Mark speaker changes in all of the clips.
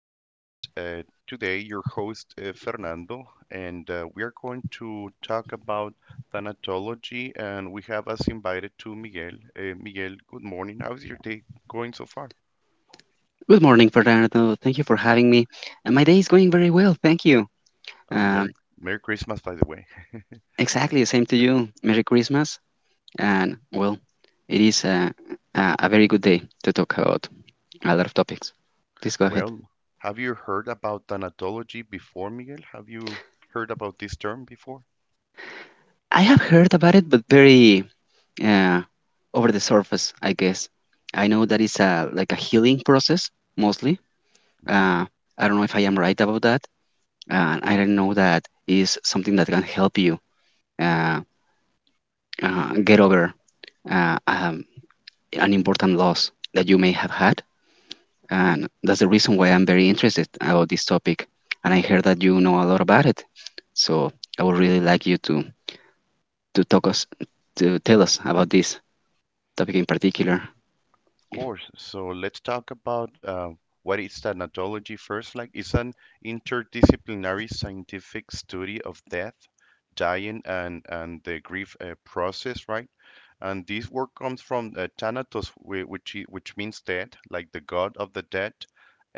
Speaker 1: podcast. Today, your host, Fernando, and we are going to talk about thanatology. And we have us invited to Miguel. Miguel, good morning. How's your day going so far?
Speaker 2: Good morning, Fernando. Thank you for having me. My day is going very well, thank you.
Speaker 1: Uh,
Speaker 2: Um,
Speaker 1: Merry, Merry Christmas, by the way.
Speaker 2: exactly the same to you. Merry Christmas, and well, it is a very good day to talk about a lot of topics. Please go ahead.
Speaker 1: Well, have you heard about thanatology before, Miguel? Have you heard about this term before?
Speaker 2: I have heard about it, but very uh, over the surface, I guess. I know that it's a like a healing process mostly. Uh,
Speaker 1: Mhm.
Speaker 2: I don't know if I am right about that, and I don't know that is something that can help you uh, get over uh, um, an important loss that you may have had. And that's the reason why I'm very interested about this topic. And I heard that you know a lot about it. So I would really like you to talk us to tell us about this topic in particular.
Speaker 1: Of course. So let's talk about what is thanatology first. Like, it's an interdisciplinary scientific study of death, dying, and the grief process, right? And this word comes from Thanatos, which means dead, like the god of the dead,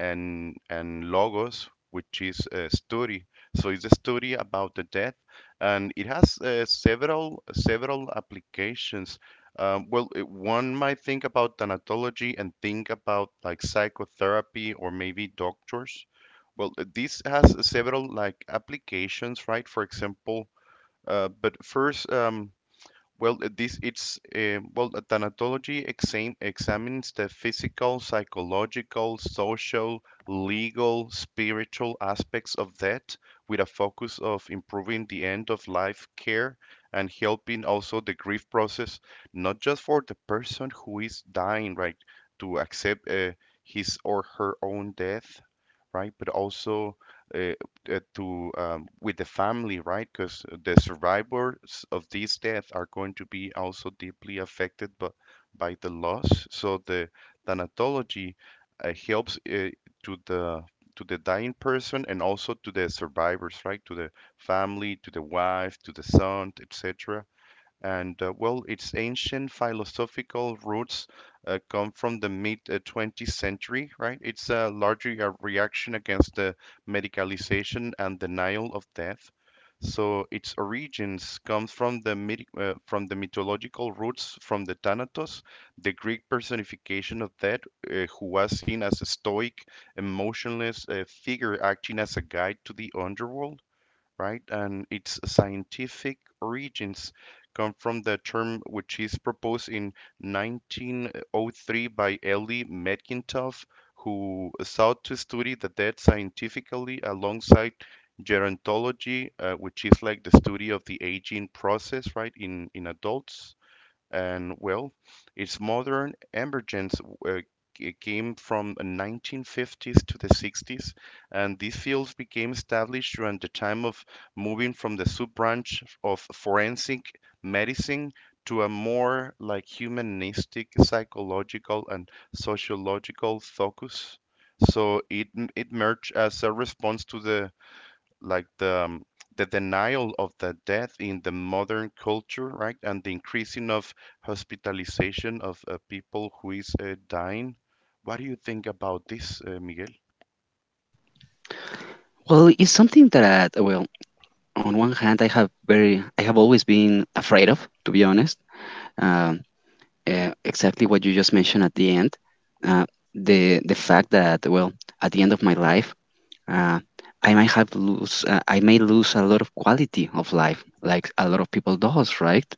Speaker 1: and Logos, which is a study. So it's a story about the death, and it has uh, several applications. Well, one might think about thanatology and think about like psychotherapy or maybe doctors. Well, this has several like applications, right? For example, but first, thanatology examines the physical, psychological, social, legal, spiritual aspects of death with a focus of improving the end of life care and helping also the grief process, not just for the person who is dying, right, to accept his or her own death, right, but also uh, to with the family, right? Because the survivors of these deaths are going to be also deeply affected by the loss. So the thanatology helps to the to the dying person and also to the survivors, right? To the family, to the wife, to the son, etc. And well, its ancient philosophical roots come from the mid 20th century, right? It's largely a reaction against the medicalization and denial of death. So its origins comes from the myth, from the mythological roots from the Thanatos, the Greek personification of death, who was seen as a stoic, emotionless figure acting as a guide to the underworld, right? And its scientific origins come from the term which is proposed in 1903 by Eli Metcalf, who sought to study the dead scientifically alongside gerontology, which is like the study of the aging process, right, in adults. And well, its modern emergence uh, came from 1950s to the 60s, and these fields became established during the time of moving from the sub-branch of forensic medicine to a more like humanistic, psychological, and sociological focus. So it merged as a response to the like the denial of the death in the modern culture, right, and the increasing of hospitalization of people who is dying. What do you think about this, Miguel?
Speaker 2: Well, it's something that well, on one hand, I have very, I have always been afraid of, to be honest. Um, exactly what you just mentioned at the end, uh, the fact that well, at the end of my life, uh, I might have lose I may lose a lot of quality of life, like a lot of people does, right?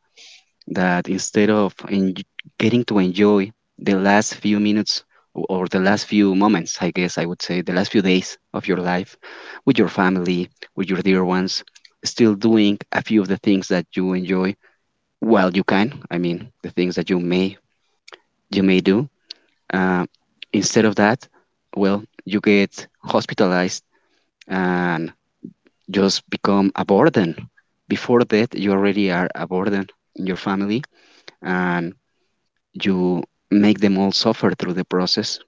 Speaker 2: That instead of getting to enjoy the last few minutes or the last few moments, I guess I would say the last few days of your life with your family, with your dear ones, still doing a few of the things that you enjoy while you can. I mean, the things that you may do. Uh, Instead of that, well, you get hospitalized and just become a burden. Before that, you already are a burden in your family and you make them all suffer through the process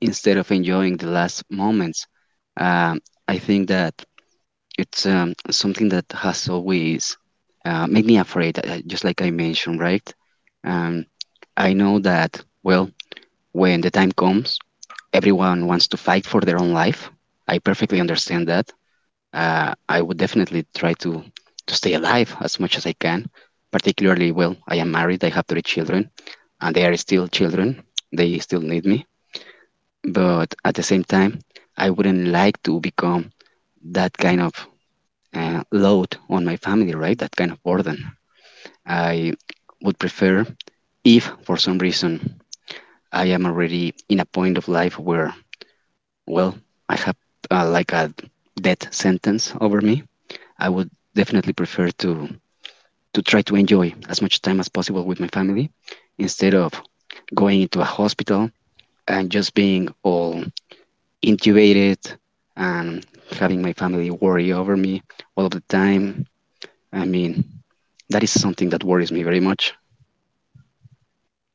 Speaker 2: instead of enjoying the last moments. Um, I think that it's something that has always made me afraid, just like I mentioned, right? Um, I know that, well, when the time comes, everyone wants to fight for their own life. I perfectly understand that. I would definitely try to stay alive as much as I can. Particularly, well, I am married. I have three children, and they are still children. They still need me. But at the same time, I wouldn't like to become that kind of load on my family, right? That kind of burden. I would prefer if, for some reason, I am already in a point of life where, well, I have like a death sentence over me. I would definitely prefer to try to enjoy as much time as possible with my family instead of going into a hospital and just being all intubated and having my family worry over me all of the time. I mean, that is something that worries me very much.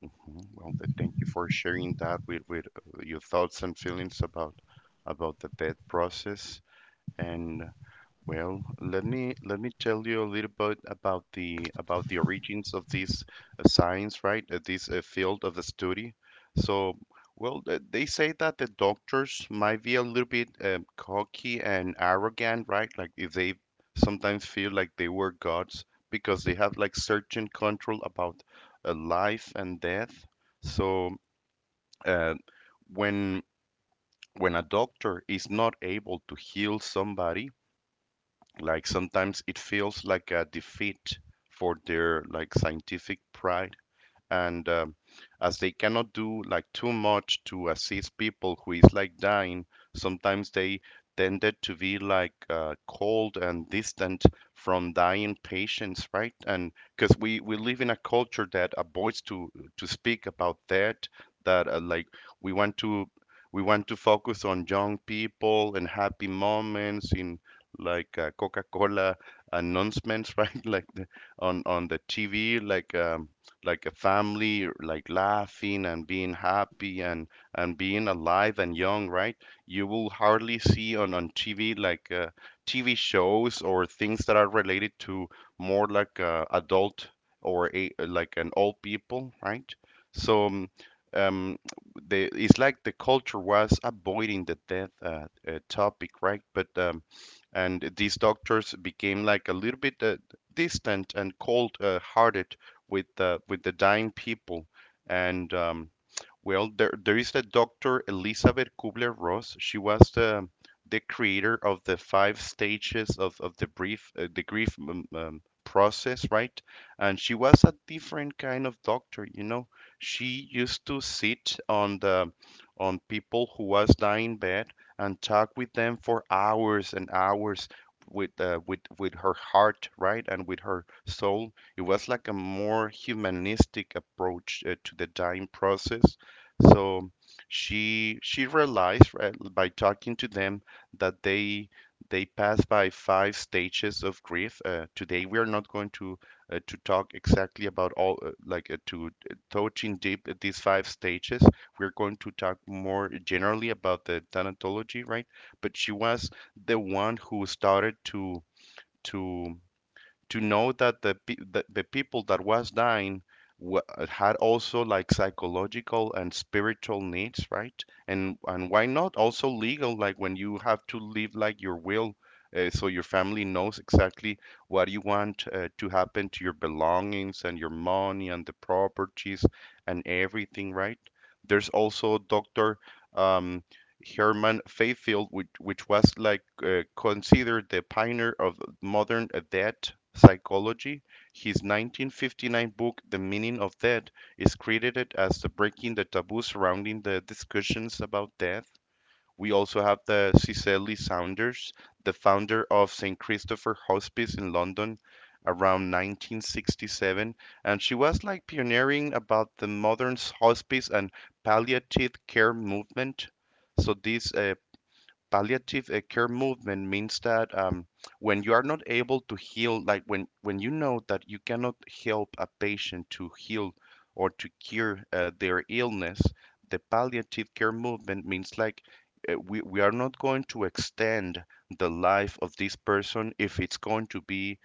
Speaker 1: Mhm. Well, thank you for sharing that with your thoughts and feelings about the death process. And well, let me tell you a little bit about the origins of this science, right? This field of the study. So, well, they say that the doctors might be a little bit cocky and arrogant, right? Like if they sometimes feel like they were gods because they have like certain control about life and death. So, uh, when a doctor is not able to heal somebody, like sometimes it feels like a defeat for their like scientific pride, and as they cannot do like too much to assist people who is like dying, sometimes they tended to be like cold and distant from dying patients, right? And because we live in a culture that avoids to speak about that, that like we want to we want to focus on young people and happy moments in like coca-cola announcements right like on the tv like a family, like laughing and being happy and being alive and young, right? You will hardly see on TV like TV shows or things that are related to more like adult or like an old people, right? So. um, um, it's like the culture was avoiding the death topic, right? But and These doctors became like a little bit distant and cold-hearted with the dying people, and well, there is a Dr. Elizabeth Kubler-Ross. She was the creator of the five stages of the brief, the grief process, right? And she was a different kind of doctor, you know. She used to sit on the on people who was dying bed and talk with them for hours and hours with with her heart, right? And with her soul. It was like a more humanistic approach to the dying process. So she realized, right, by talking to them that they pass by five stages of grief. Today we are not going to talk exactly about all like to touching deep at these five stages. We're going to talk more generally about the thanatology, right? But she was the one who started to to know that the people that was dying wa- had also like psychological and spiritual needs, right? And why not also legal, like when you have to live like your will, so your family knows exactly what you want to happen to your belongings and your money and the properties and everything, right? There's also Doctor um, Herman Fayefield, which was like considered the pioneer of modern debt psychology. His 1959 book, The Meaning of Death, is credited as breaking the taboo surrounding the discussions about death. We also have the Cicely Saunders, the founder of St. Christopher Hospice in London around 1967, and she was like pioneering about the modern hospice and palliative care movement. So this palliative care movement means that when you are not able to heal, like when you know that you cannot help a patient to heal or to cure their illness, the palliative care movement means like we are not going to extend the life of this person if it's going to be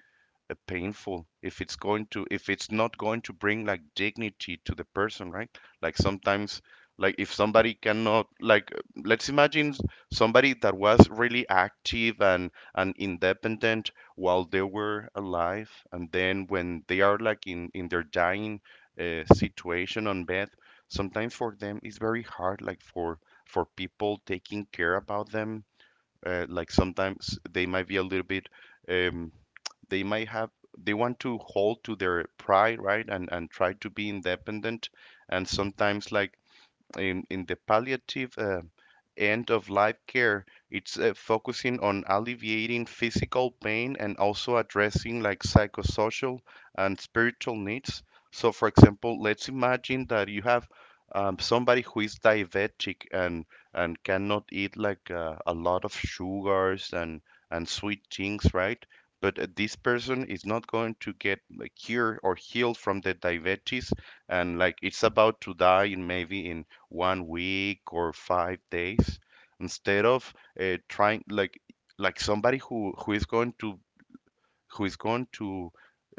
Speaker 1: painful, if it's going to if it's not going to bring like dignity to the person, right? Like sometimes, like if somebody cannot like let's imagine, somebody that was really active and independent while they were alive and then when they are like in their dying situation on bed, sometimes for them it's very hard, like for people taking care about them, like sometimes they might be a little bit um, they might have they want to hold to their pride, right? And try to be independent. And sometimes like in the palliative end of life care, it's focusing on alleviating physical pain and also addressing like psychosocial and spiritual needs. So for example, let's imagine that you have somebody who is diabetic and cannot eat like a lot of sugars and sweet things, right? But this person is not going to get like cured or healed from the diabetes, and like it's about to die in maybe in 1 week or 5 days. Instead of trying like somebody who who is going to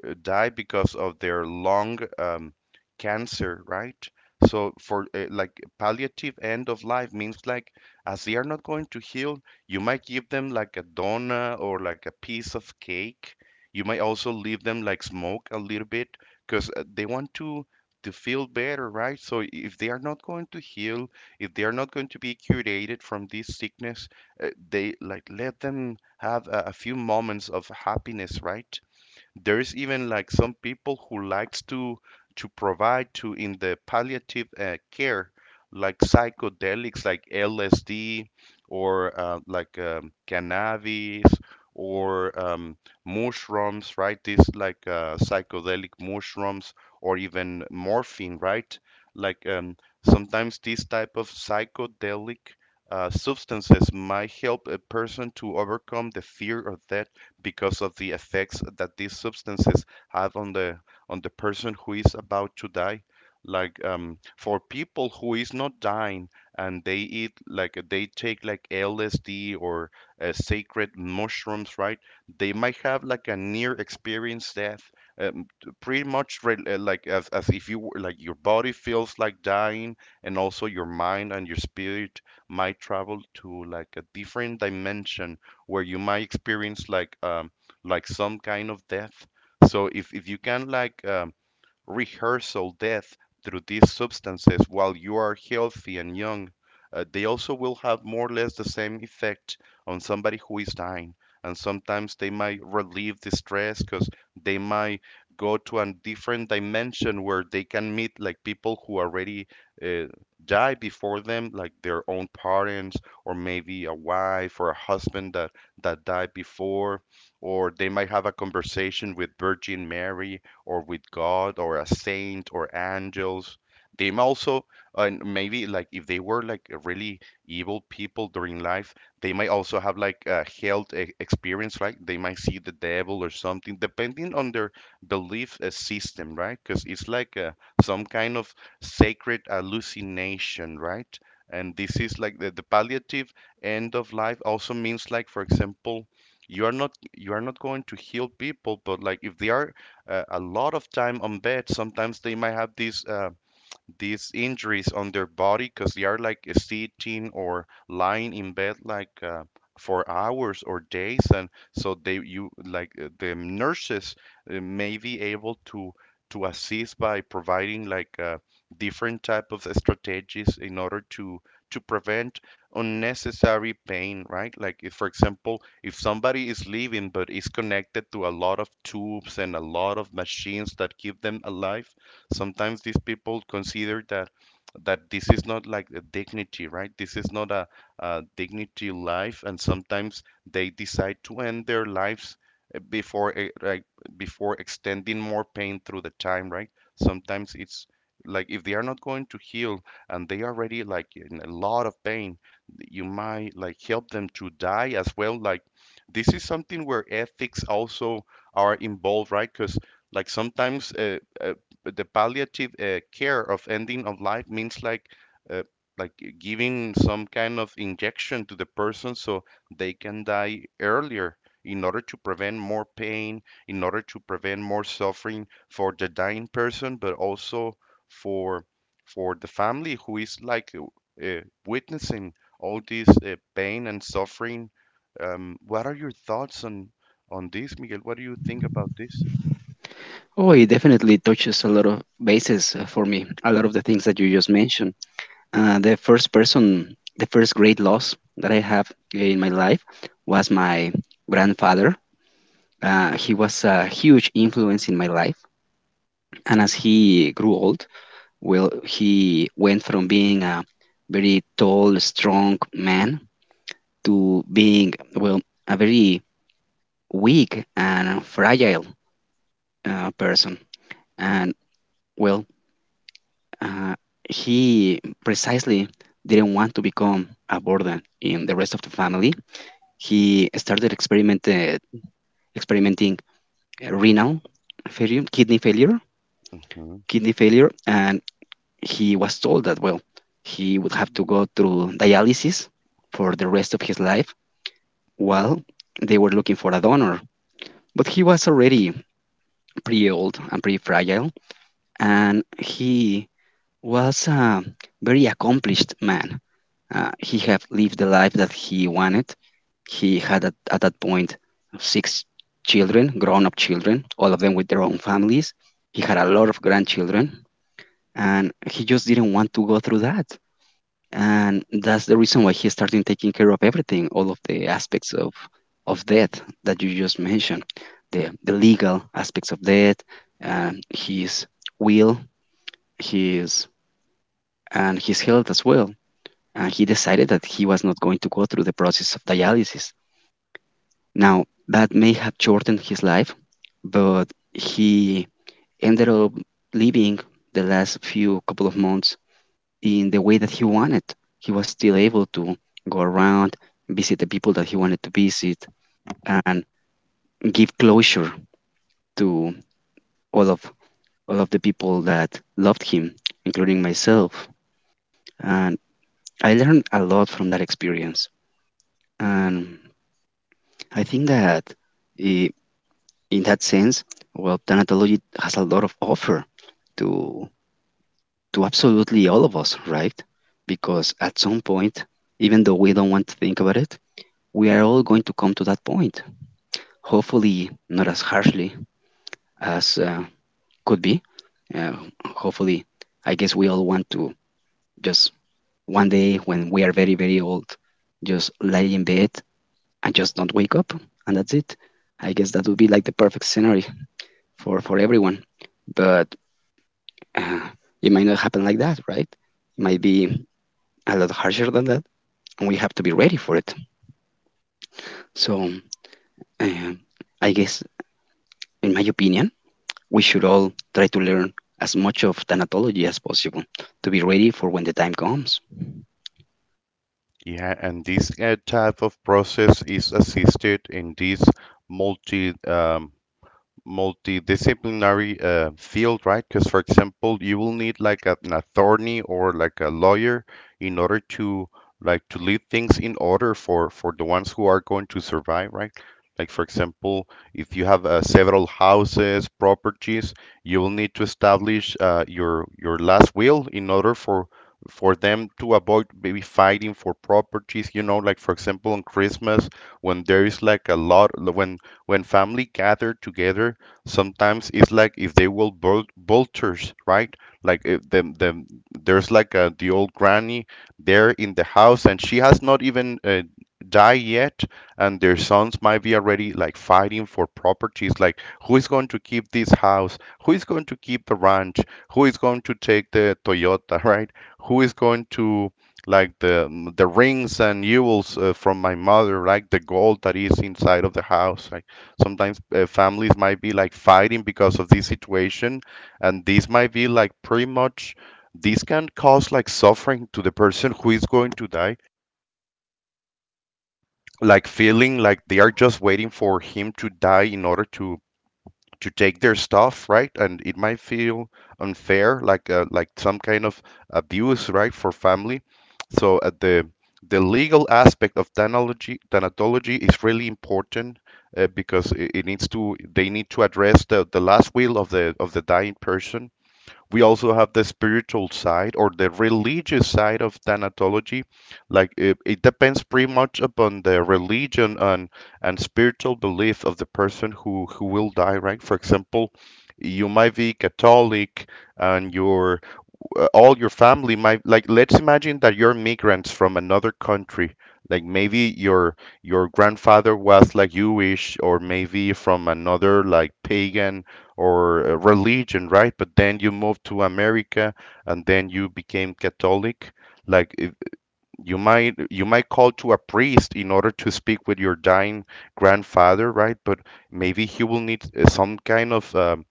Speaker 1: die because of their lung cancer, right? So for like palliative end of life means like as they are not going to heal, you might give them like a donut or like a piece of cake. You might also leave them like smoke a little bit because they want to feel better, right? So if they are not going to heal, if they are not going to be curated from this sickness, they like let them have a few moments of happiness, right? There's even like some people who likes to provide to in the palliative care like psychedelics like LSD or cannabis or mushrooms, right? These like psychedelic mushrooms or even morphine, right? Like sometimes these type of psychedelic substances might help a person to overcome the fear of death because of the effects that these substances have on the person who is about to die. Like for people who is not dying and they eat like they take like LSD or sacred mushrooms, right? They might have like a near experience death, um, like as if you were like your body feels like dying, and also your mind and your spirit might travel to like a different dimension where you might experience like some kind of death. So if you can like rehearsal death through these substances while you are healthy and young, they also will have more or less the same effect on somebody who is dying. And sometimes they might relieve the stress because they might go to a different dimension where they can meet like people who already uh, died before them, like their own parents or maybe a wife or a husband that died before, or they might have a conversation with Virgin Mary or with God or a saint or angels. They also, and maybe like if they were like really evil people during life, they might also have like a health experience, right? They might see the devil or something, depending on their belief system, right? Because it's like some kind of sacred hallucination, right? And this is like the palliative end of life also means like, for example, you are not going to heal people, but like if they are a lot of time on bed. Sometimes they might have these injuries on their body because they are like sitting or lying in bed like for hours or days, and so they you like the nurses may be able to assist by providing like different type of strategies in order to prevent unnecessary pain, right? Like if, for example, if somebody is living but is connected to a lot of tubes and a lot of machines that keep them alive, sometimes these people consider that this is not like a dignity, right? This is not a dignity life, and sometimes they decide to end their lives like before extending more pain through the time, right? Sometimes it's like if they are not going to heal and they are already like in a lot of pain, you might like help them to die as well. Like this is something where ethics also are involved, right? Because like sometimes the palliative care of ending of life means uh, like giving some kind of injection to the person so they can die earlier in order to prevent more pain, in order to prevent more suffering for the dying person but also for for the family who is like witnessing all this pain and suffering. What are your thoughts on this, Miguel? What do you think about this?
Speaker 2: Oh, it definitely touches a lot of bases for me, a lot of the things that you just mentioned. The first person, the first great loss that I have in my life was my grandfather. He was a huge influence in my life. And as he grew old, well, he went from being a very tall, strong man to being, well, a very weak and fragile person. And, well, uh, he precisely didn't want to become a burden in the rest of the family. He experimenting renal failure, kidney failure, kidney failure, and he was told that, well, he would have to go through dialysis for the rest of his life while they were looking for a donor. But he was already pretty old and pretty fragile, and he was a very accomplished man. He had lived the life that he wanted. He had, at that point, six children, grown up children, all of them with their own families. He had a lot of grandchildren, and he just didn't want to go through that. And that's the reason why he's starting taking care of everything, all of the aspects of death that you just mentioned, the legal aspects of death and his will his and his health as well. And he decided that he was not going to go through the process of dialysis. Now, that may have shortened his life, but he ended up living the last few couple of months in the way that he wanted. He was still able to go around, visit the people that he wanted to visit, and give closure to all of all of the people that loved him, including myself. And I learned a lot from that experience. And I think that i- in that sense, well, thanatology has a lot of offer to to absolutely all of us, right? Because at some point, even though we don't want to think about it, we are all going to come to that point. Hopefully, not as harshly as could be. Uh, Hopefully, I guess we all want to just one day when we are very, very old, just lie in bed and just don't wake up, and that's it. I guess that would be like the perfect scenario for everyone, but uh, it might not happen like that, right? It might be a lot harsher than that, and we have to be ready for it. So, um I guess, in my opinion, we should all try to learn as much of thanatology as possible to be ready for when the time comes.
Speaker 1: Yeah, and this type of process is assisted in these multi-disciplines multidisciplinary field, right? Because, for example, you will need like an attorney or like a lawyer in order to like to lead things in order for the ones who are going to survive, right? Like, for example, if you have several houses, properties, you will need to establish your last will in order for them to avoid maybe fighting for properties. You know, like for example, on Christmas, when there is like a lot, when family gather together, sometimes it's like if they will vultures, right? Like if them, there's like a, the old granny there in the house and she has not even died yet, and their sons might be already like fighting for properties, like who is going to keep this house, who is going to keep the ranch, who is going to take the Toyota right, who is going to like the rings and jewels from my mother, like the gold that is inside of the house, like sometimes families might be like fighting because of this situation, and these might be like pretty much, these can cause like suffering to the person who is going to die, like feeling like they are just waiting for him to die in order to take their stuff, right? And it might feel unfair, like some kind of abuse, right, for family. So the legal aspect of thanatology, thanatology is really important because it needs to they need to address the last will of the dying person. We also have the spiritual side or the religious side of thanatology. Like it depends pretty much upon the religion and spiritual belief of the person who will die, right? For example, you might be Catholic and you're all your family might, like let's imagine that you're migrants from another country, like maybe your grandfather was like Jewish or maybe from another like pagan or religion, right? But then you moved to America and then you became Catholic, like if you might, you might call to a priest in order to speak with your dying grandfather, right? But maybe he will need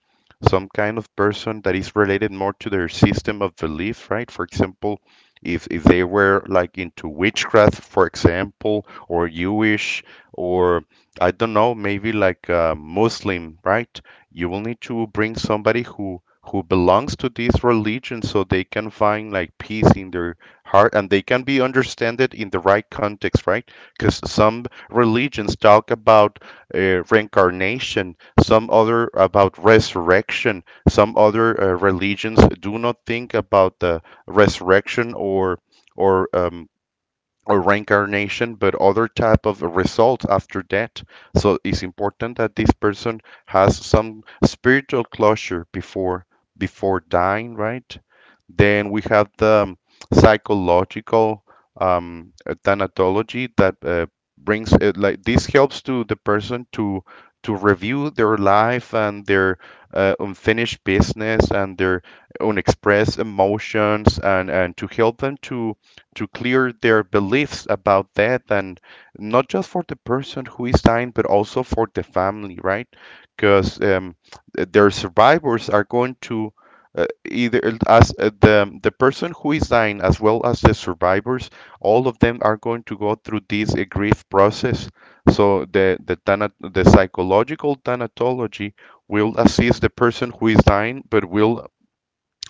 Speaker 1: some kind of person that is related more to their system of belief, right? For example, if they were like into witchcraft, for example, or Jewish or I don't know, maybe like Muslim, right? You will need to bring somebody who belongs to this religion so they can find like peace in their hard and they can be understood in the right context, right? Because some religions talk about reincarnation, some other about resurrection, some other religions do not think about the resurrection or or um, or reincarnation but other type of results after that. So it's important that this person has some spiritual closure before before dying, right? Then we have the psychological thanatology that brings it, like this helps to the person to review their life and their unfinished business and their unexpressed emotions and to help them to clear their beliefs about that, and not just for the person who is dying but also for the family, right? Because their survivors are going to either as the person who is dying as well as the survivors, all of them are going to go through this grief process. So the psychological thanatology will assist the person who is dying but will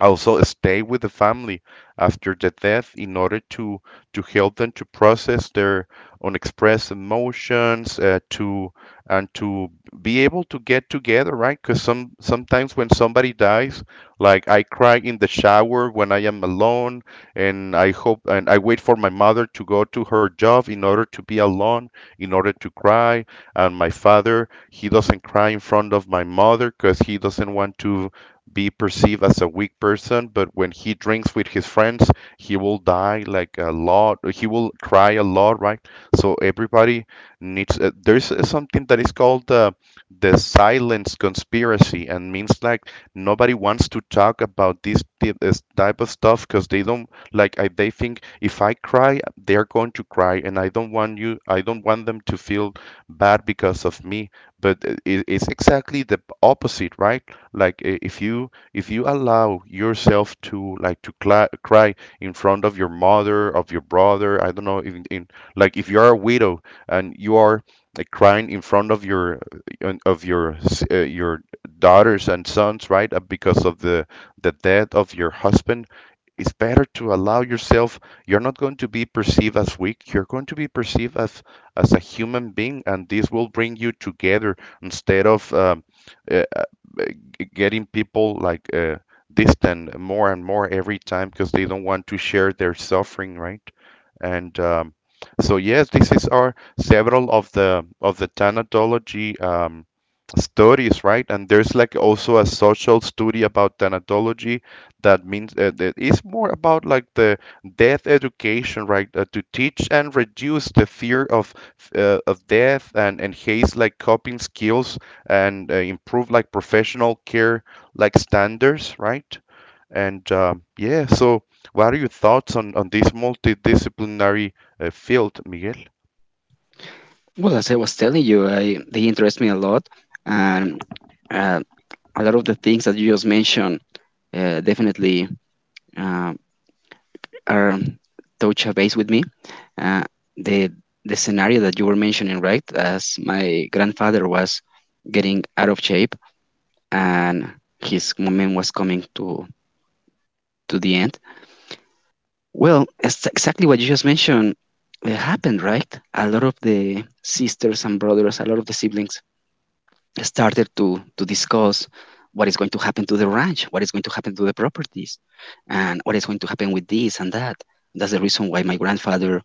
Speaker 1: also stay with the family after the death in order to help them to process their unexpressed emotions, to and to be able to get together, right? Because some sometimes when somebody dies, like I cry in the shower when I am alone, and I hope and I wait for my mother to go to her job in order to be alone, in order to cry. And my father, he doesn't cry in front of my mother because he doesn't want to be perceived as a weak person, but when he drinks with his friends, he will die like a lot. He will cry a lot, right? So everybody needs. There's something that is called the silence conspiracy, and means like nobody wants to talk about this, this type of stuff because they don't like. I, they think if I cry, they're going to cry, and I don't want you. I don't want them to feel bad because of me. But it's exactly the opposite, right? Like if you allow yourself to like to cla cry in front of your mother, of your brother, I don't know, in like if you are a widow and you are like crying in front of your your daughters and sons, right? Because of the death of your husband, it's better to allow yourself. You're not going to be perceived as weak, you're going to be perceived as a human being, and this will bring you together instead of uh, getting people like distant more and more every time because they don't want to share their suffering, right? And so yes, this is our several of the thanatology studies, right? And there's like also a social study about thanatology that means that is more about like the death education, right? To teach and reduce the fear of death and haste like coping skills and improve like professional care like standards, right? And yeah, so what are your thoughts on this multidisciplinary field, Miguel?
Speaker 2: Well, as I was telling you, I, they interest me a lot, and uh, a lot of the things that you just mentioned definitely uh, are touch a base with me. Uh, the the scenario that you were mentioning, right? As my grandfather was getting out of shape and his moment was coming to the end. Well, it's exactly what you just mentioned. It happened, right? A lot of the sisters and brothers, a lot of the siblings started to discuss what is going to happen to the ranch, what is going to happen to the properties, and what is going to happen with this and that. That's the reason why my grandfather uh,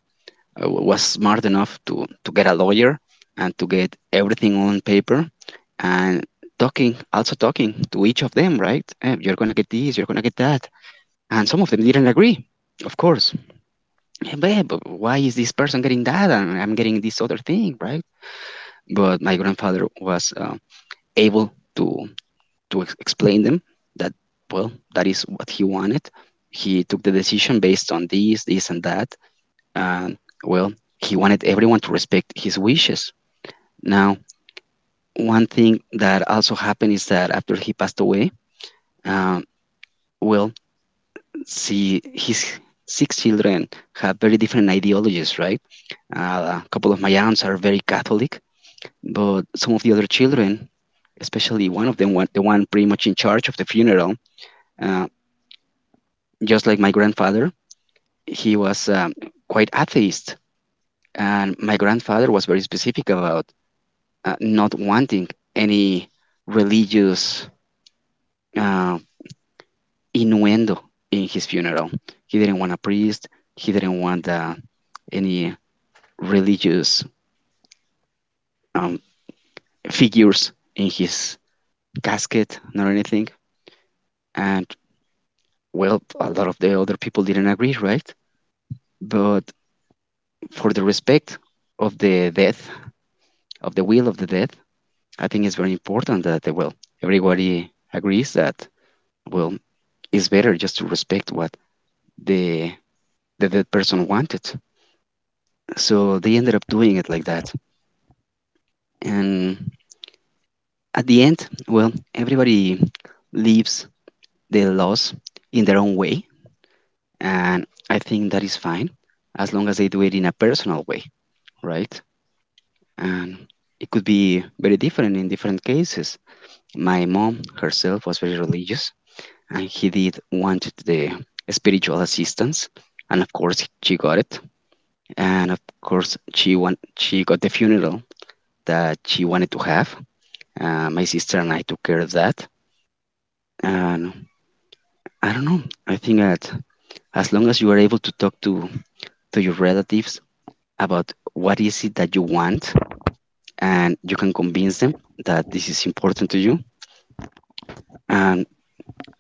Speaker 2: w- was smart enough to get a lawyer and to get everything on paper and talking, also talking to each of them, right? "Eh, you're gonna get this, you're gonna get that," and some of them didn't agree, of course. "Eh, babe, why is this person getting that and I'm getting this other thing, right?" But my grandfather was able to to explain them that well, that is what he wanted. He took the decision based on this, this, and that, and well, he wanted everyone to respect his wishes. Now, one thing that also happened is that after he passed away, um, well, see, his six children have very different ideologies, right? A couple of my aunts are very Catholic. But some of the other children, especially one of them, one, the one pretty much in charge of the funeral, uh, just like my grandfather, he was quite atheist. And my grandfather was very specific about not wanting any religious uh, innuendo in his funeral. He didn't want a priest, he didn't want any religious um, figures in his casket, nor anything. And well, a lot of the other people didn't agree, right? But for the respect of the death, of the will of the death, I think it's very important that, well, everybody agrees that, well, it's better just to respect what the the dead person wanted. So they ended up doing it like that. And at the end, well, everybody lives the laws in their own way. And I think that is fine as long as they do it in a personal way, right? And it could be very different in different cases. My mom herself was very religious, and he did wanted the spiritual assistance, and of course she got it, and of course she got the funeral that she wanted to have. My sister and I took care of that, and I don't know. I think that as long as you are able to talk to your relatives about what is it that you want, and you can convince them that this is important to you, and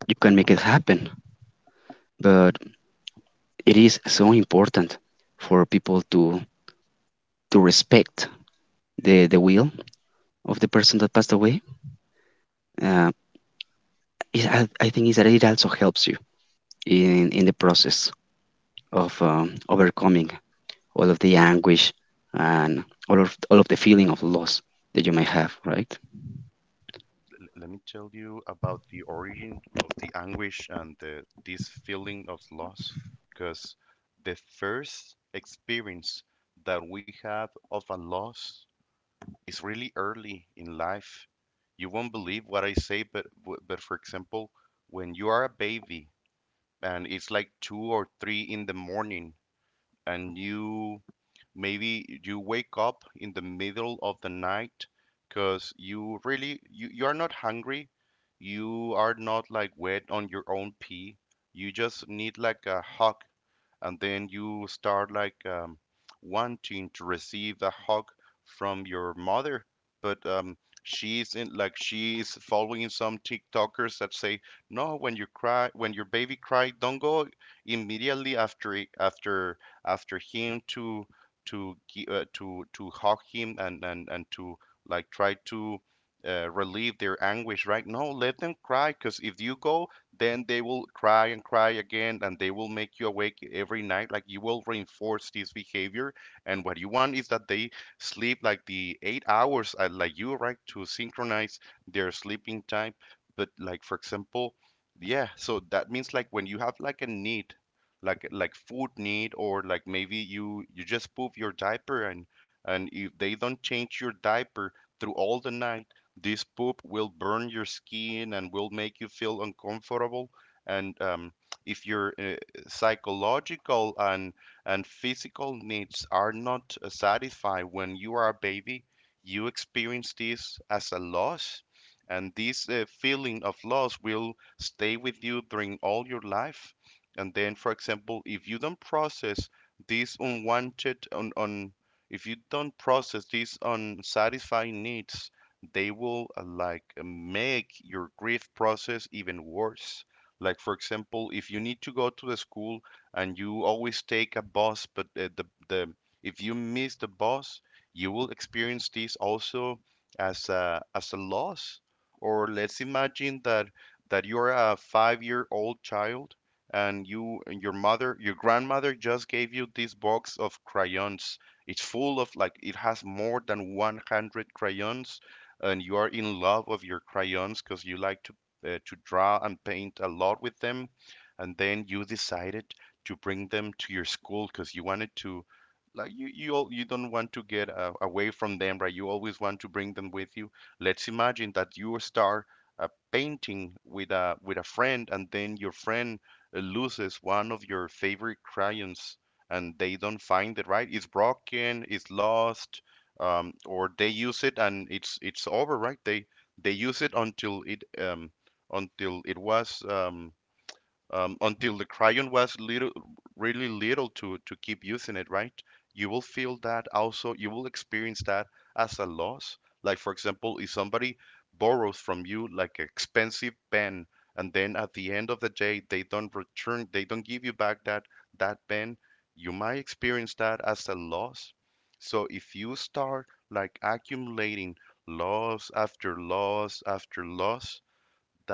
Speaker 2: you can make it happen. But it is so important for people to respect the will of the person that passed away. Uh, I think is that it also helps you in the process of overcoming all of the anguish and all of the feeling of loss that you might have. Right?
Speaker 1: Let me tell you about the origin of the anguish and this feeling of loss, because the first experience that we have of a loss is really early in life. You won't believe what I say, but but for example, when you are a baby and it's like two or three in the morning and you maybe you wake up in the middle of the night because you are not hungry, you are not like wet on your own pee, you just need like a hug. And then you start like wanting to receive a hug from your mother, but she's in like she's following some TikTokers that say, no, when you cry, when your baby cry, don't go immediately after it- after after him to to hug him and to like try to relieve their anguish, right? No, let them cry, because if you go then they will cry and cry again and they will make you awake every night, like you will reinforce this behavior. And what you want is that they sleep like the 8 hours like you, right, to synchronize their sleeping time. But like for example, yeah, so that means like when you have like a need, like food need, or like maybe you just poop your diaper, and if they don't change your diaper through all the night, this poop will burn your skin and will make you feel uncomfortable. And if your psychological and physical needs are not satisfied when you are a baby, you experience this as a loss. And this feeling of loss will stay with you during all your life. And then, for example, if you don't process these unwanted, on, if you don't process these unsatisfying needs, they will like make your grief process even worse. Like for example, if you need to go to the school and you always take a bus, but the if you miss the bus, you will experience this also as a loss. Or let's imagine that you're a five-year-old child and your grandmother just gave you this box of crayons. It's full of like it has more than 100 crayons, and you are in love of your crayons because you like to draw and paint a lot with them. And then you decided to bring them to your school because you wanted to like you don't want to get away from them, right? You always want to bring them with you. Let's imagine that you start a painting with a friend, and then your friend loses one of your favorite crayons, and they don't find it, right? It's broken, it's lost, or they use it and it's over, right? They use it until it until it was until the crayon was little, really little to keep using it, right? You will feel that also. You will experience that as a loss. Like for example, if somebody borrows from you like an expensive pen, and then at the end of the day they don't return, they don't give you back that pen, you might experience that as a loss. So if you start like accumulating loss after loss after loss,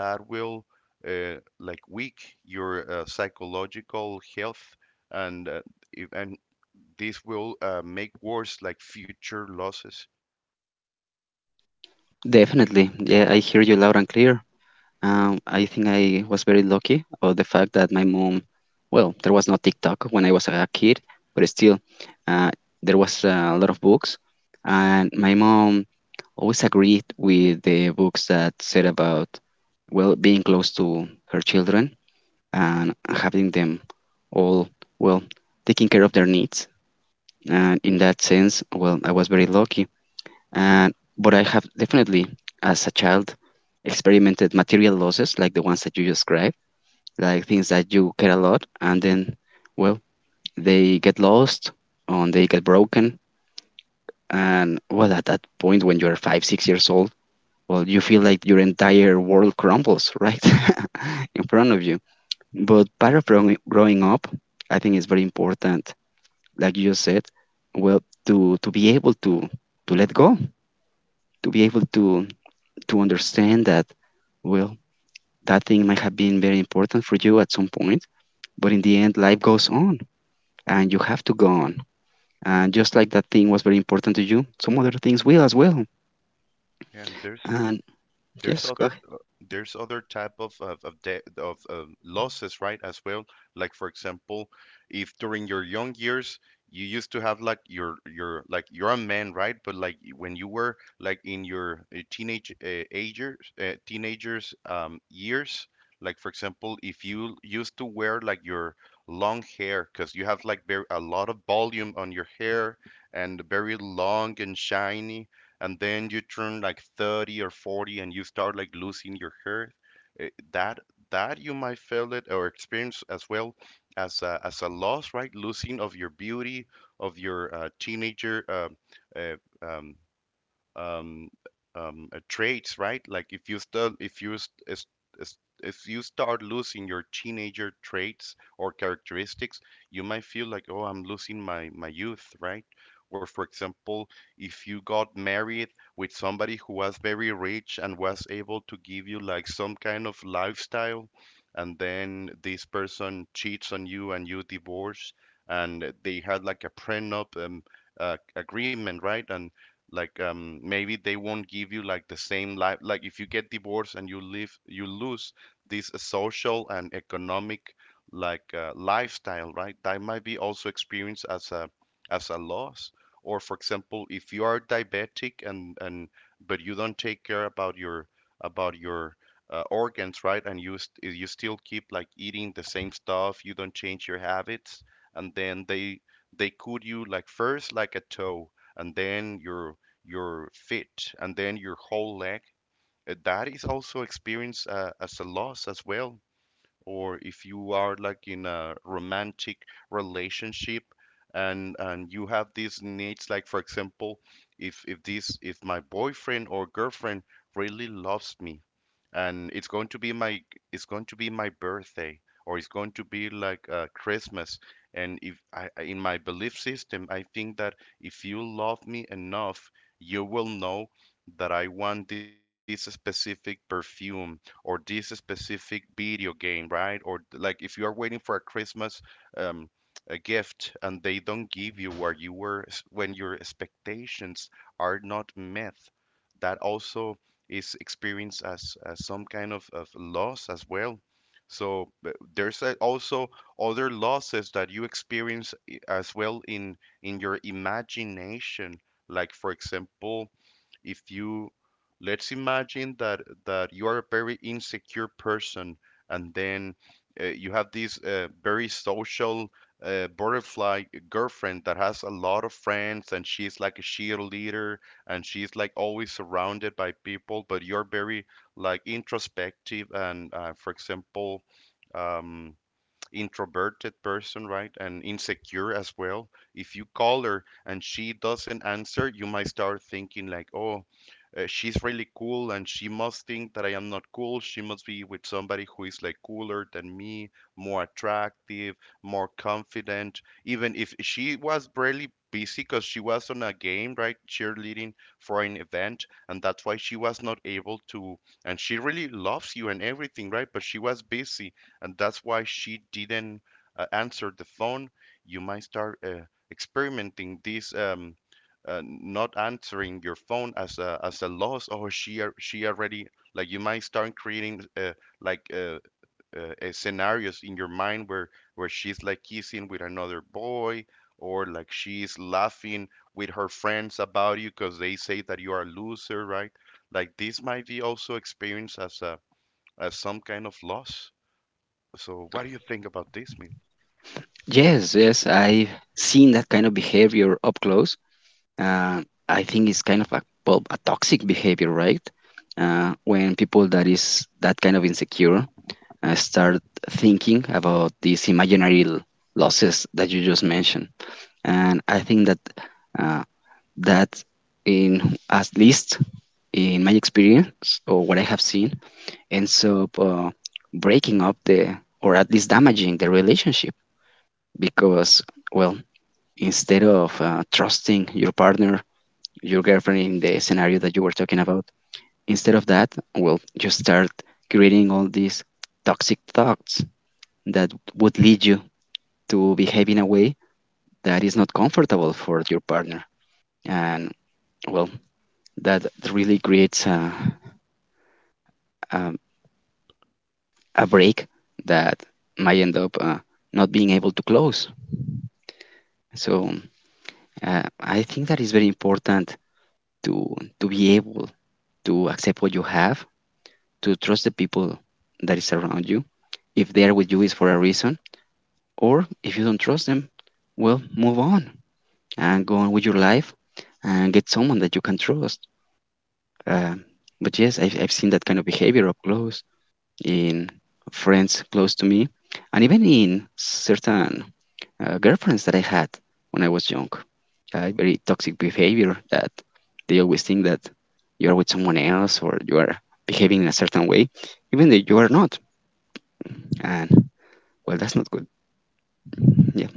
Speaker 1: that will like weak your psychological health, and if- and this will make worse like future losses.
Speaker 2: Definitely. Yeah, I hear you loud and clear. I think I was very lucky about the fact that my mom, well, there was no TikTok when I was a kid, but still, uh, there was a lot of books, and my mom always agreed with the books that said about, well, being close to her children and having them all, well, taking care of their needs. And in that sense, well, I was very lucky. And but I have definitely, as a child, experimented material losses like the ones that you described like things that you care a lot, and then, well, they get lost and they get broken. And well, at that point, when you're 5, 6 years old, well, you feel like your entire world crumbles right in front of you. But part of growing up, I think is very important, like you just said, well, to be able to let go, to be able to understand that, well, that thing might have been very important for you at some point, but in the end, life goes on and you have to go on. And just like that thing was very important to you, some other things will as well.
Speaker 1: And there's
Speaker 2: And yes,
Speaker 1: there's
Speaker 2: go ahead.
Speaker 1: other type of losses, right, as well. Like for example, if during your young years you used to have like your like you're a man, right, but like when you were like in your teenagers years, like for example, if you used to wear like your long hair because you have like a lot of volume on your hair, and very long and shiny, and then you turn like 30 or 40 and you start like losing your hair, eh, that that you might feel it or experience as well as as a loss, right, losing of your beauty, of your teenager uh, um, um, traits, right? Like if you start losing your teenager traits or characteristics, you might feel like, oh, I'm losing my youth, right? Or for example, if you got married with somebody who was very rich and was able to give you like some kind of lifestyle, and then this person cheats on you and you divorce, and they had like a prenup agreement, right? And like maybe they won't give you like the same life, like if you get divorced and you lose this social and economic like lifestyle, right, that might be also experienced as a loss. Or for example, if you are diabetic and but you don't take care about your about your organs, right, and you still keep like eating the same stuff, you don't change your habits, and then they could you like first like a toe, and then your feet, and then your whole leg, that is also experienced as a loss as well. Or if you are like in a romantic relationship and you have these needs. Like for example, if this if my boyfriend or girlfriend really loves me, and it's going to be my birthday, or it's going to be like Christmas, and if in my belief system, I think that if you love me enough, you will know that I want this specific perfume or this specific video game, right? Like if you are waiting for a Christmas um, a gift, and they don't give you what you were when your expectations are not met, that also is experienced as some kind of loss as well. So there's also other losses that you experience as well in your imagination. Like for example, if you, let's imagine that you are a very insecure person, and then you have this very social butterfly girlfriend that has a lot of friends and she's like a cheerleader, and she's like always surrounded by people, but you're very like introspective and for example um, introverted person, right? And insecure as well. If you call her and she doesn't answer, you might start thinking like, oh, she's really cool and she must think that I am not cool. She must be with somebody who is like cooler than me, more attractive, more confident. Even if she was really busy because she was on a game, right? Cheerleading for an event, and that's why she was not able to. And she really loves you and everything, right? But she was busy, and that's why she didn't answer the phone. You might start experimenting this not answering your phone as a loss. Or she already, like you might start creating like uh, scenarios in your mind where she's like kissing with another boy, or like she's laughing with her friends about you because they say that you are a loser, right? Like this might be also experienced as a, as some kind of loss. So what do you think about this, Mil?
Speaker 2: Yes, yes, I've seen that kind of behavior up close. Uh, I think it's kind of a, well, a toxic behavior, right? When people that is that kind of insecure start thinking about these imaginary losses that you just mentioned, and I think that uh, that in at least in my experience or what I have seen ends up breaking up the or at least damaging the relationship because well instead of trusting your partner your girlfriend in the scenario that you were talking about instead of that well you start creating all these toxic thoughts that would lead you to behave in a way that is not comfortable for your partner and well that really creates a, a break that might end up not being able to close so. I think that is very important to be able to accept what you have, to trust the people that is around you. If they are with you, is for a reason. Or if you don't trust them, well, move on and go on with your life and get someone that you can trust. Uh, but yes, I've seen that kind of behavior up close in friends close to me, and even in certain girlfriends that I had when I was young. Very toxic behavior that they always think that you are with someone else or you are behaving in a certain way, even though you are not. And well, that's not good. Yeah,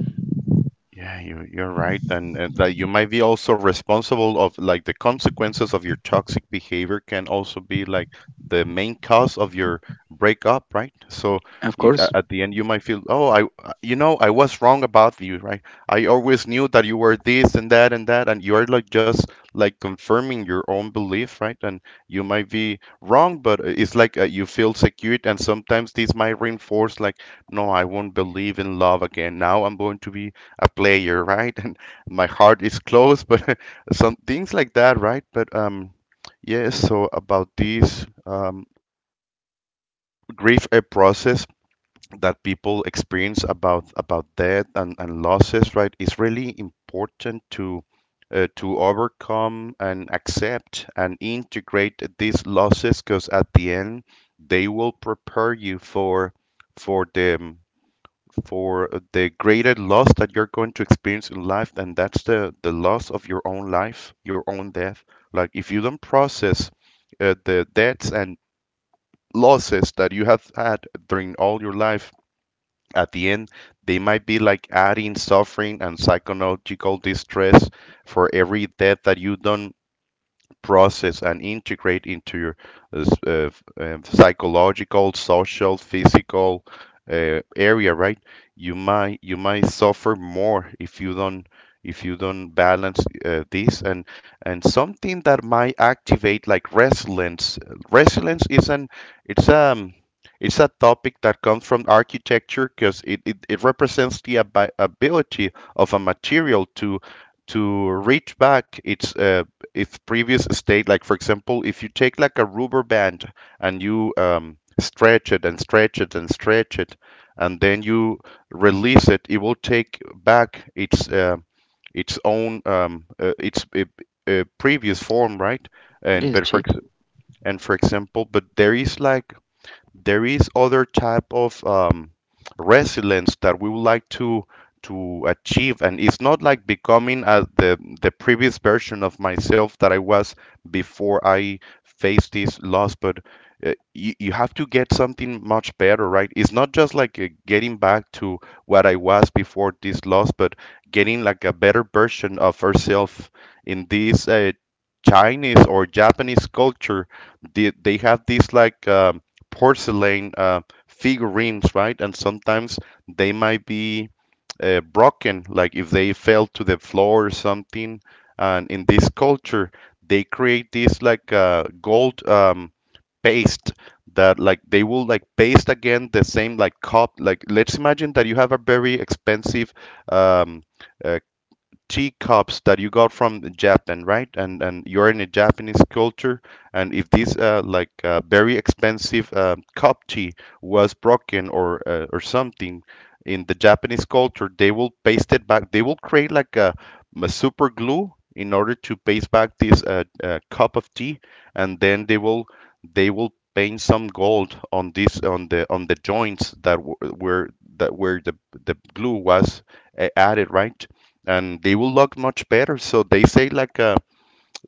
Speaker 1: Yeah, you're right, and that you might be also responsible of, like the consequences of your toxic behavior can also be like the main cause of your breakup, right? So
Speaker 2: of
Speaker 1: you,
Speaker 2: course.
Speaker 1: at the end, you might feel, oh, I, you know, I was wrong about you, right? I always knew that you were this and that and that, and you are like just like confirming your own belief, right? And you might be wrong, but it's like you feel secured, and sometimes this might reinforce like, no, I won't believe in love again. Now I'm going to be a player, right? And my heart is closed, but some things like that, right? But yes. So about this grief a process that people experience about death and losses, right, is really important to overcome and accept and integrate these losses, because at the end they will prepare you for for the for the greater loss that you're going to experience in life, and that's the loss of your own life, your own death. Like if you don't process the debts and losses that you have had during all your life, at the end they might be like adding suffering and psychological distress for every death that you don't process and integrate into your uh, uh, psychological, social, physical area, right? You might suffer more if you don't, if you don't balance this, and something that might activate like resilience. Resilience is an it's um it's a topic that comes from architecture because it represents the ability of a material to reach back its if previous state, like for example, if you take like a rubber band and you stretch it and stretch it and stretch it, and then you release it will take back its own its previous form, right? and
Speaker 2: Yes,
Speaker 1: but for
Speaker 2: shape.
Speaker 1: ex- and for example, but there is like there is other type of resilience that we would like to achieve, and it's not like becoming as the previous version of myself that I was before I faced this loss. But you have to get something much better, right? It's not just like getting back to what I was before this loss, but getting like a better version of ourselves. In this Chinese or Japanese culture, they have this like porcelain figurines, right? And sometimes they might be broken, like if they fell to the floor or something. And in this culture, they create this like gold paste, that like they will like paste again the same like cup. Like, let's imagine that you have a very expensive um, uh, teacups that you got from Japan, right? And you're in a Japanese culture, and if this like very expensive cup tea was broken, or something, in the Japanese culture, they will paste it back. They will create like a super glue in order to paste back this cup of tea, and then they will paint some gold on this, on the joints that w- were that where the glue was added, right? And they will look much better. So they say like uh,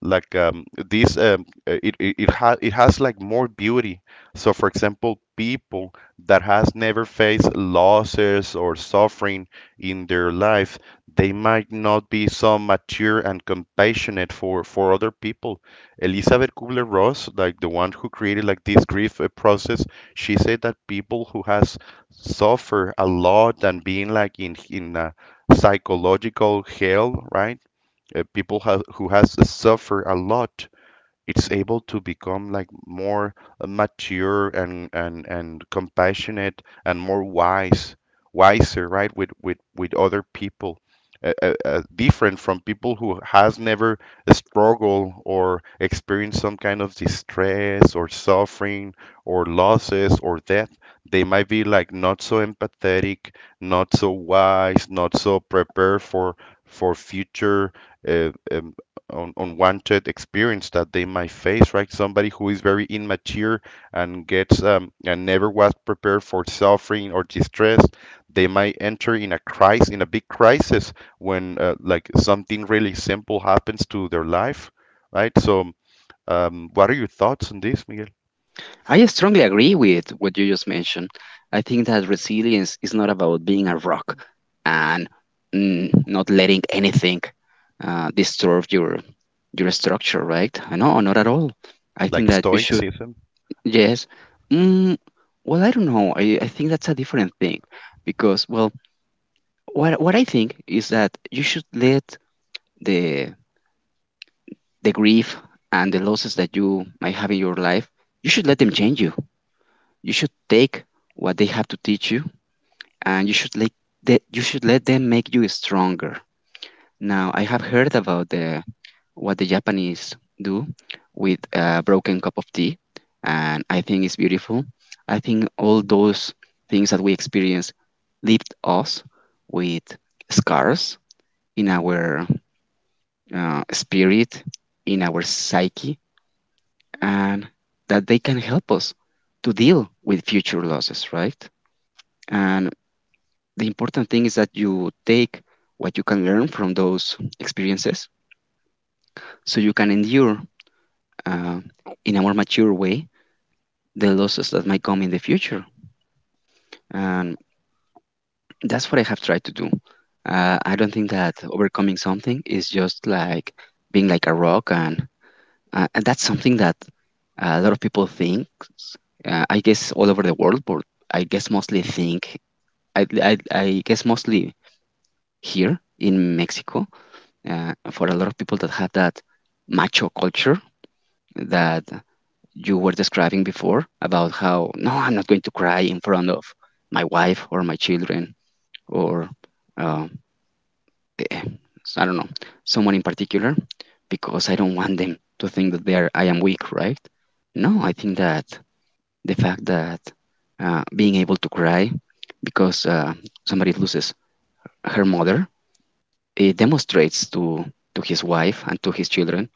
Speaker 1: like um, these it, it, it, ha- it has like more beauty. So for example, people that has never faced losses or suffering in their life, they might not be so mature and compassionate for other people. Elizabeth Kubler-Ross, like the one who created like this grief process, she said that people who has suffered a lot and being like in a psychological hell, right? People ha who has suffered a lot, it's able to become like more mature, and compassionate and more wiser, right? With other people, different from people who has never struggled or experienced some kind of distress or suffering or losses or death, they might be like not so empathetic, not so wise, not so prepared for future uh, um, unwanted experience that they might face, right? Somebody who is very immature and never was prepared for suffering or distress, they might enter in a crisis, in a big crisis, when like something really simple happens to their life, right? So, what are your thoughts on this, Miguel?
Speaker 2: I strongly agree with what you just mentioned. I think that resilience is not about being a rock and not letting anything disturb your structure, right? No, not at all. I think
Speaker 1: Like
Speaker 2: that you should.
Speaker 1: Stoicism?
Speaker 2: Yes. Mm, well, I don't know. I think that's a different thing because, well, what I think is that you should let the the grief and the losses that you might have in your life, you should let them change you. You should take what they have to teach you, and you should let that you should let them make you stronger. Now, I have heard about the what the Japanese do with a broken cup of tea, and I think it's beautiful. I think all those things that we experience left us with scars in our spirit, in our psyche, and that they can help us to deal with future losses, right? And the important thing is that you take what you can learn from those experiences so you can endure uh, in a more mature way the losses that might come in the future. And that's what I have tried to do. I don't think that overcoming something is just like being like a rock, and that's something that a lot of people think. I guess all over the world, but I guess mostly think. I guess mostly here in Mexico. For a lot of people that have that macho culture that you were describing before about how no, I'm not going to cry in front of my wife or my children or uh, eh, I don't know, someone in particular, because I don't want them to think that they are I am weak, right? No, I think that the fact that being able to cry because somebody loses her mother, it demonstrates to his wife and to his children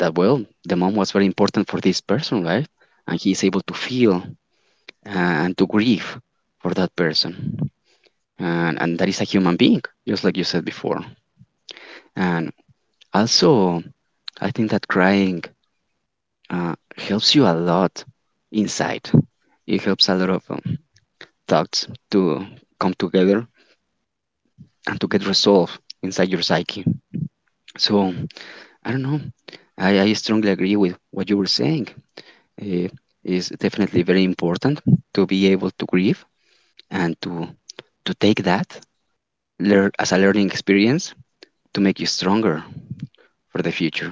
Speaker 2: that well, the mom was very important for this person, right? And he is able to feel and to grieve for that person, and that is a human being, just like you said before. And also, I think that crying helps you a lot inside. It helps a lot of thoughts to come together and to get resolved inside your psyche. So, I don't know. I strongly agree with what you were saying. It is definitely very important to be able to grieve and to take that learn as a learning experience to make you stronger for the future.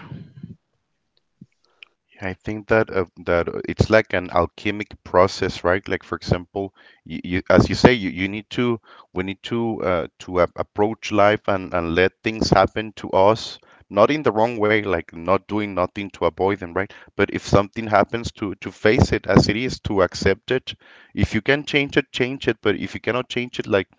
Speaker 1: I think that it's like an alchemic process, right? Like for example, you as you say, you need to we need to a approach life, and let things happen to us, not in the wrong way, like not doing nothing to avoid them, right? But if something happens, to face it as it is, to accept it. If you can change it, change it. But if you cannot change it, like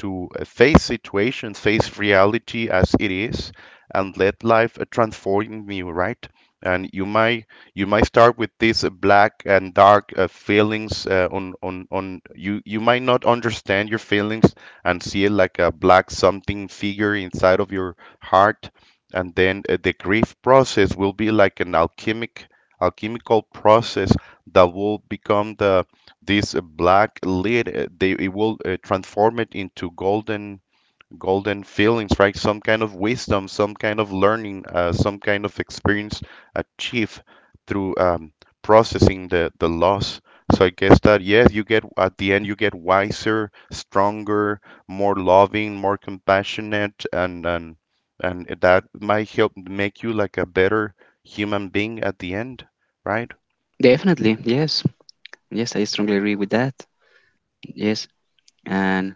Speaker 1: to face situations, face reality as it is, and let life transform you, right? And you might start with these black and dark feelings on you, you might not understand your feelings, and see it like a black something figure inside of your heart. And then the grief process will be like an alchemical process that will become the — this black lid, they it will transform it into golden feelings, right? Some kind of wisdom, some kind of learning, some kind of experience achieved through processing the loss. So I guess that, yes, you get at the end you get wiser, stronger, more loving, more compassionate, and and that might help make you like a better human being at the end, right?
Speaker 2: Definitely, yes, yes, I strongly agree with that. Yes, and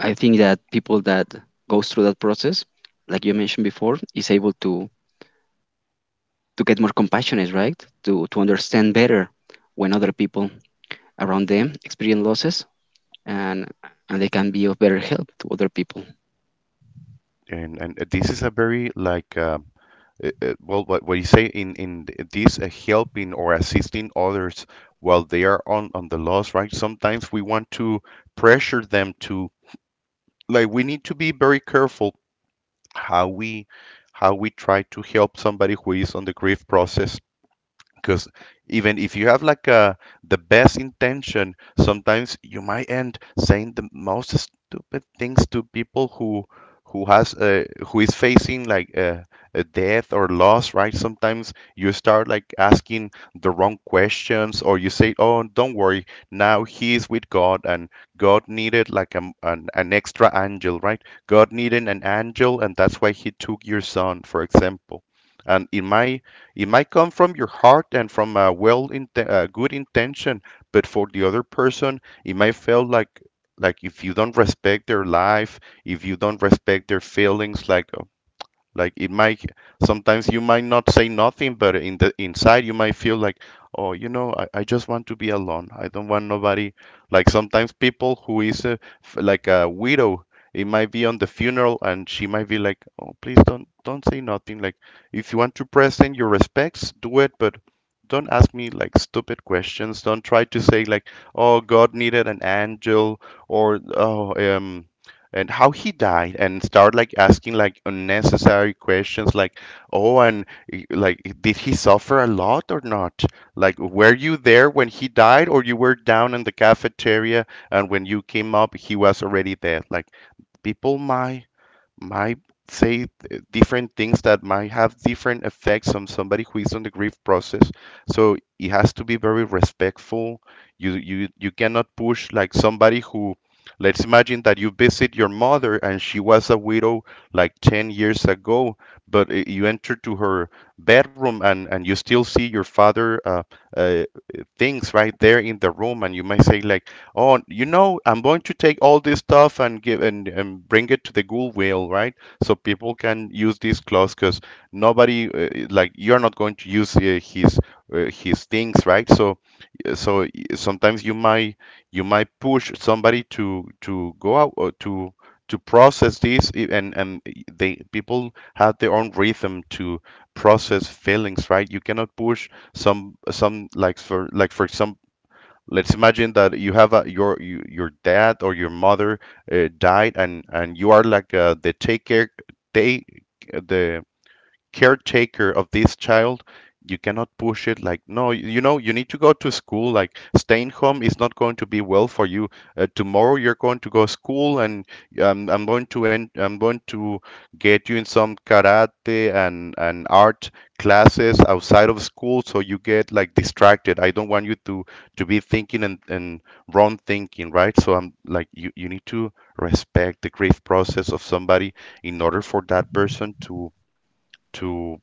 Speaker 2: I think that people that goes through that process, like you mentioned before, is able to get more compassionate, right? To understand better when other people around them experience losses, and and they can be of better help to other people.
Speaker 1: And this is a very like well, what you say in this helping or assisting others while they are on the loss, right? Sometimes we want to pressure them to like, we need to be very careful how we try to help somebody who is on the grief process, because even if you have like the best intention, sometimes you might end saying the most stupid things to people who is facing like a death or loss, right? Sometimes you start like asking the wrong questions, or you say, "Oh, don't worry, now He is with God, and God needed like an extra angel, right? God needed an angel, and that's why He took your son," for example. And in my It might come from your heart and from a well good intention. But for the other person, it might feel like if you don't respect their life, if you don't respect their feelings, like it might — sometimes you might not say nothing, but in the inside you might feel like, "Oh, I just want to be alone. I don't want nobody." Like, sometimes people who is like a widow, it might be on the funeral, and she might be like, "Oh, please, don't say nothing. Like, if you want to present your respects, do it, but don't ask me like stupid questions. Don't try to say like, 'Oh, God needed an angel,' or, 'Oh, and how he died,' and start like asking like unnecessary questions, like, 'Oh, and like did he suffer a lot or not? Like, were you there when he died, or you were down in the cafeteria, and when you came up he was already dead?'" Like, people my might say different things that might have different effects on somebody who is on the grief process. So it has to be very respectful. You cannot push like somebody. Who let's imagine that you visit your mother, and she was a widow like 10 years ago, but you enter to her bedroom, and you still see your father uh, things right there in the room. And you might say like, "Oh, you know, I'm going to take all this stuff and give and, bring it to the Goodwill, right? So people can use this clause, because nobody — like, you're not going to use his things, right?" So sometimes you might push somebody to go out, or to process this, I- and they people have their own rhythm to process feelings, right? You cannot push some like, for example, let's imagine that you have your dad or your mother died, and you are like they the caretaker of this child. You cannot push it like, "No, you you know, you need to go to school. Like, staying home is not going to be well for you. Tomorrow you're going to go school, and I'm going to get you in some karate and art classes outside of school, so you get like distracted. I don't want you to be thinking, and wrong thinking, right?" So I'm like, you need to respect the grief process of somebody in order for that person to to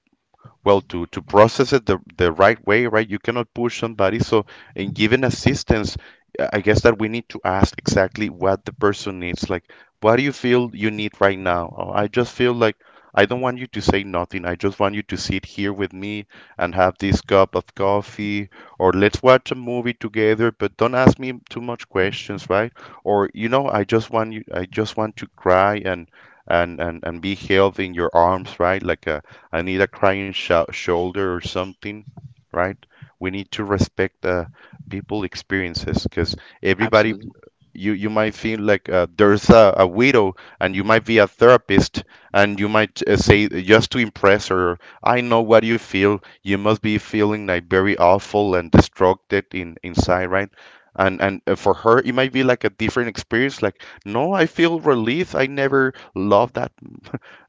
Speaker 1: well, to process it the right way, right? You cannot push somebody. So in giving assistance, I guess that we need to ask exactly what the person needs, like, "What do you feel you need right now?" "Oh, I just feel like, I don't want you to say nothing. I just want you to sit here with me and have this cup of coffee, or let's watch a movie together, but don't ask me too much questions, right? Or, you know, I just want to cry, and and be held in your arms, right? Like, a I need a crying shoulder, or something, right?" We need to respect people experiences, because everybody,
Speaker 2: Absolutely.
Speaker 1: you might feel like, there's a widow, and you might be a therapist, and you might say, just to impress her, "I know what you feel. You must be feeling like very awful and destructed in inside, right?" And for her, it might be like a different experience. Like, "No, I feel relief. I never loved that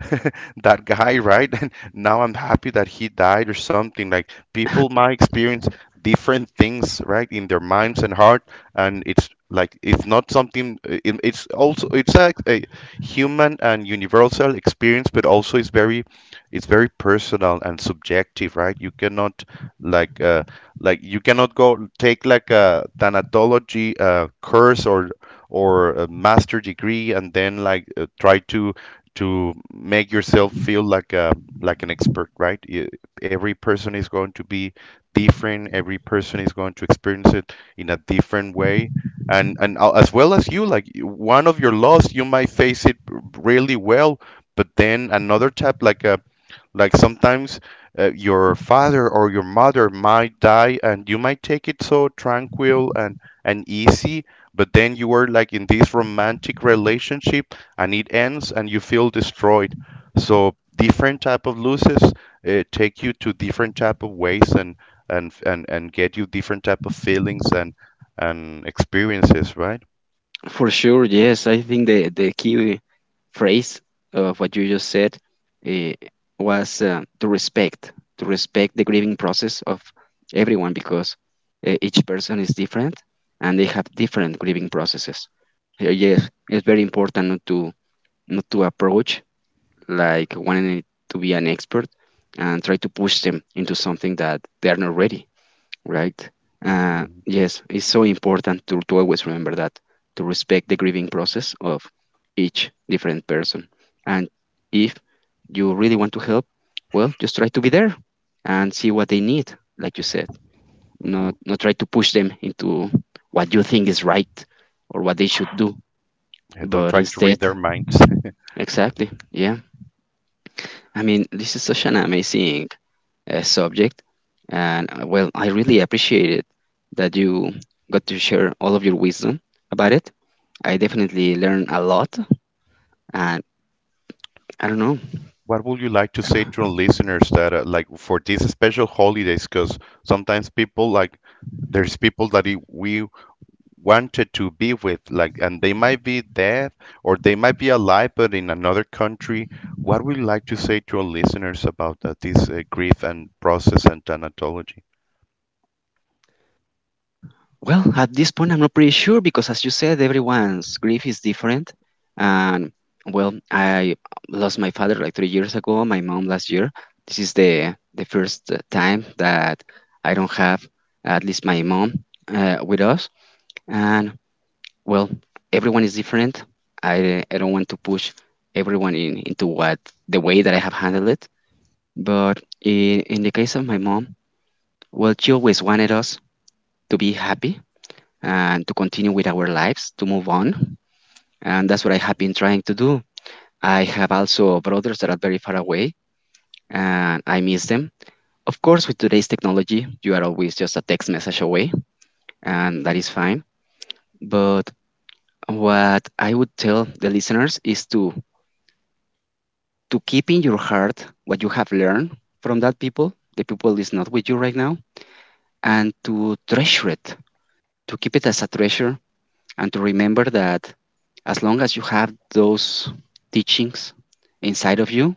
Speaker 1: that guy, right?" "And now I'm happy that he died," or something. Like, people might experience different things, right, in their minds and heart. And it's like, it's not something — it's also a human and universal experience, but also it's very personal and subjective, right? Like uh you cannot go take like a thanatology course, or a master degree, and then like try to make yourself feel like a like an expert, right? Every person is going to be different. Every person is going to experience it in a different way. And as well as you, like one of your laws, you might face it really well. But then another type, like sometimes your father or your mother might die, and you might take it so tranquil and easy. But then you were like in this romantic relationship, and it ends, and you feel destroyed. So different type of losses take you to different type of ways, and get you different type of feelings and experiences, right?
Speaker 2: For sure, yes. I think the key phrase of what you just said uh, was to respect the grieving process of everyone because each person is different and they have different grieving processes. Yes, it's very important not to not to approach like wanting to be an expert and try to push them into something that they are not ready right?
Speaker 1: Mhm,
Speaker 2: Yes, it's so important to always remember that, to respect the grieving process of each different person. And if you really want to help, well, just try to be there and see what they need, like you said.
Speaker 1: mhm.
Speaker 2: Not, not try to push them into what you think is right or what they should do,
Speaker 1: Don't
Speaker 2: but
Speaker 1: try to
Speaker 2: instead,
Speaker 1: read their minds.
Speaker 2: exactly, yeah. I mean, this is such an amazing subject. And well, I really appreciate it that you got to share all of your wisdom about it. I definitely learned a lot. And I don't know.
Speaker 1: What would you like to say to our listeners that like for these special holidays? Because sometimes people, like, there's people that we wanted to be with, like, and they might be dead, or they might be alive, but in another country. What would you like to say to our listeners about this grief and process and thanatology?
Speaker 2: Well, at this point, I'm not pretty sure because, as you said, everyone's grief is different. And well, I lost my father like 3 years ago, my mom last year. This is the first time that I don't have at least my mom with us. And well, everyone is different. I don't want to push everyone in into what the way that I have handled it. But in the case of my mom, well, she always wanted us to be happy and to continue with our lives, to move on. And that's what I have been trying to do. I have also brothers that are very far away and I miss them. Of course, with today's technology, you are always just a text message away, and that is fine. But what I would tell the listeners is to keep in your heart what you have learned from that people. The people is not with you right now, and to treasure it, to keep it as a treasure, and to remember that as long as you have those teachings inside of you,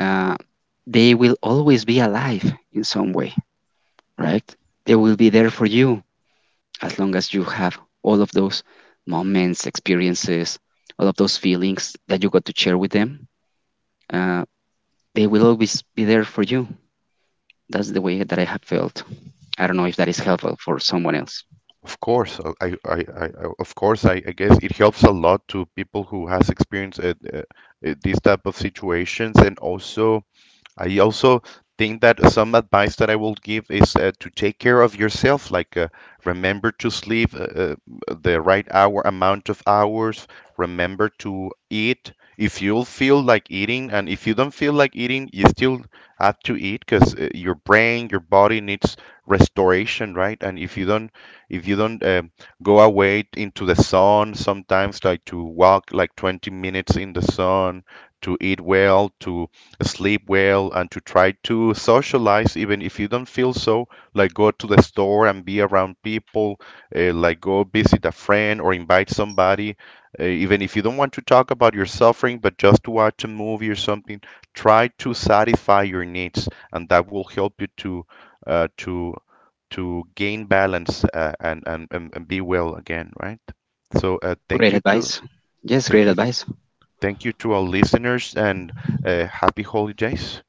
Speaker 2: uh, they will always be alive in some way, right? They will be there for you as long as you have all of those moments, experiences, all of those feelings that you got to share with them. Uh, they will always be there for you. That's the way that I have felt. I don't know if that is helpful for someone else.
Speaker 1: Of course. I guess it helps a lot to people who has experienced these type of situations. And also, I also think that some advice that I will give is to take care of yourself, like, remember to sleep the right hour amount of hours, remember to eat. If you feel like eating, and if you don't feel like eating, you still have to eat, because your brain, your body needs restoration, right? And if you don't go away into the sun, sometimes like to walk like 20 minutes in the sun, to eat well, to sleep well, and to try to socialize even if you don't feel so, like, go to the store and be around people, like go visit a friend or invite somebody, even if you don't want to talk about your suffering, but just to watch a movie or something. Try to satisfy your needs, and that will help you uh, to to gain balance, and be well again, right? So
Speaker 2: Great advice. Yes, great
Speaker 1: thank you
Speaker 2: advice.
Speaker 1: thank you to our listeners, and happy holidays.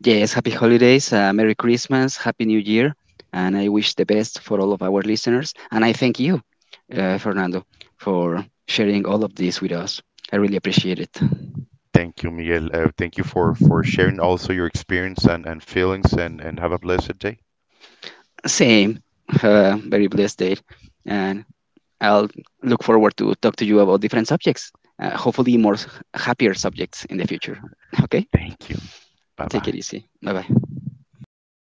Speaker 2: Yes, happy holidays, Merry Christmas, Happy New Year, and I wish the best for all of our listeners. And I thank you, Fernando, for sharing all of this with us. I really appreciate it.
Speaker 1: Thank you, Miguel. Thank you for sharing also your experience, and feelings, and have a blessed day.
Speaker 2: Same, very blessed day, and I'll look forward to talk to you about different subjects. Hopefully, more happier subjects in the future. Okay,
Speaker 1: Thank you. Bye
Speaker 2: take
Speaker 1: bye.
Speaker 2: it easy. Bye bye.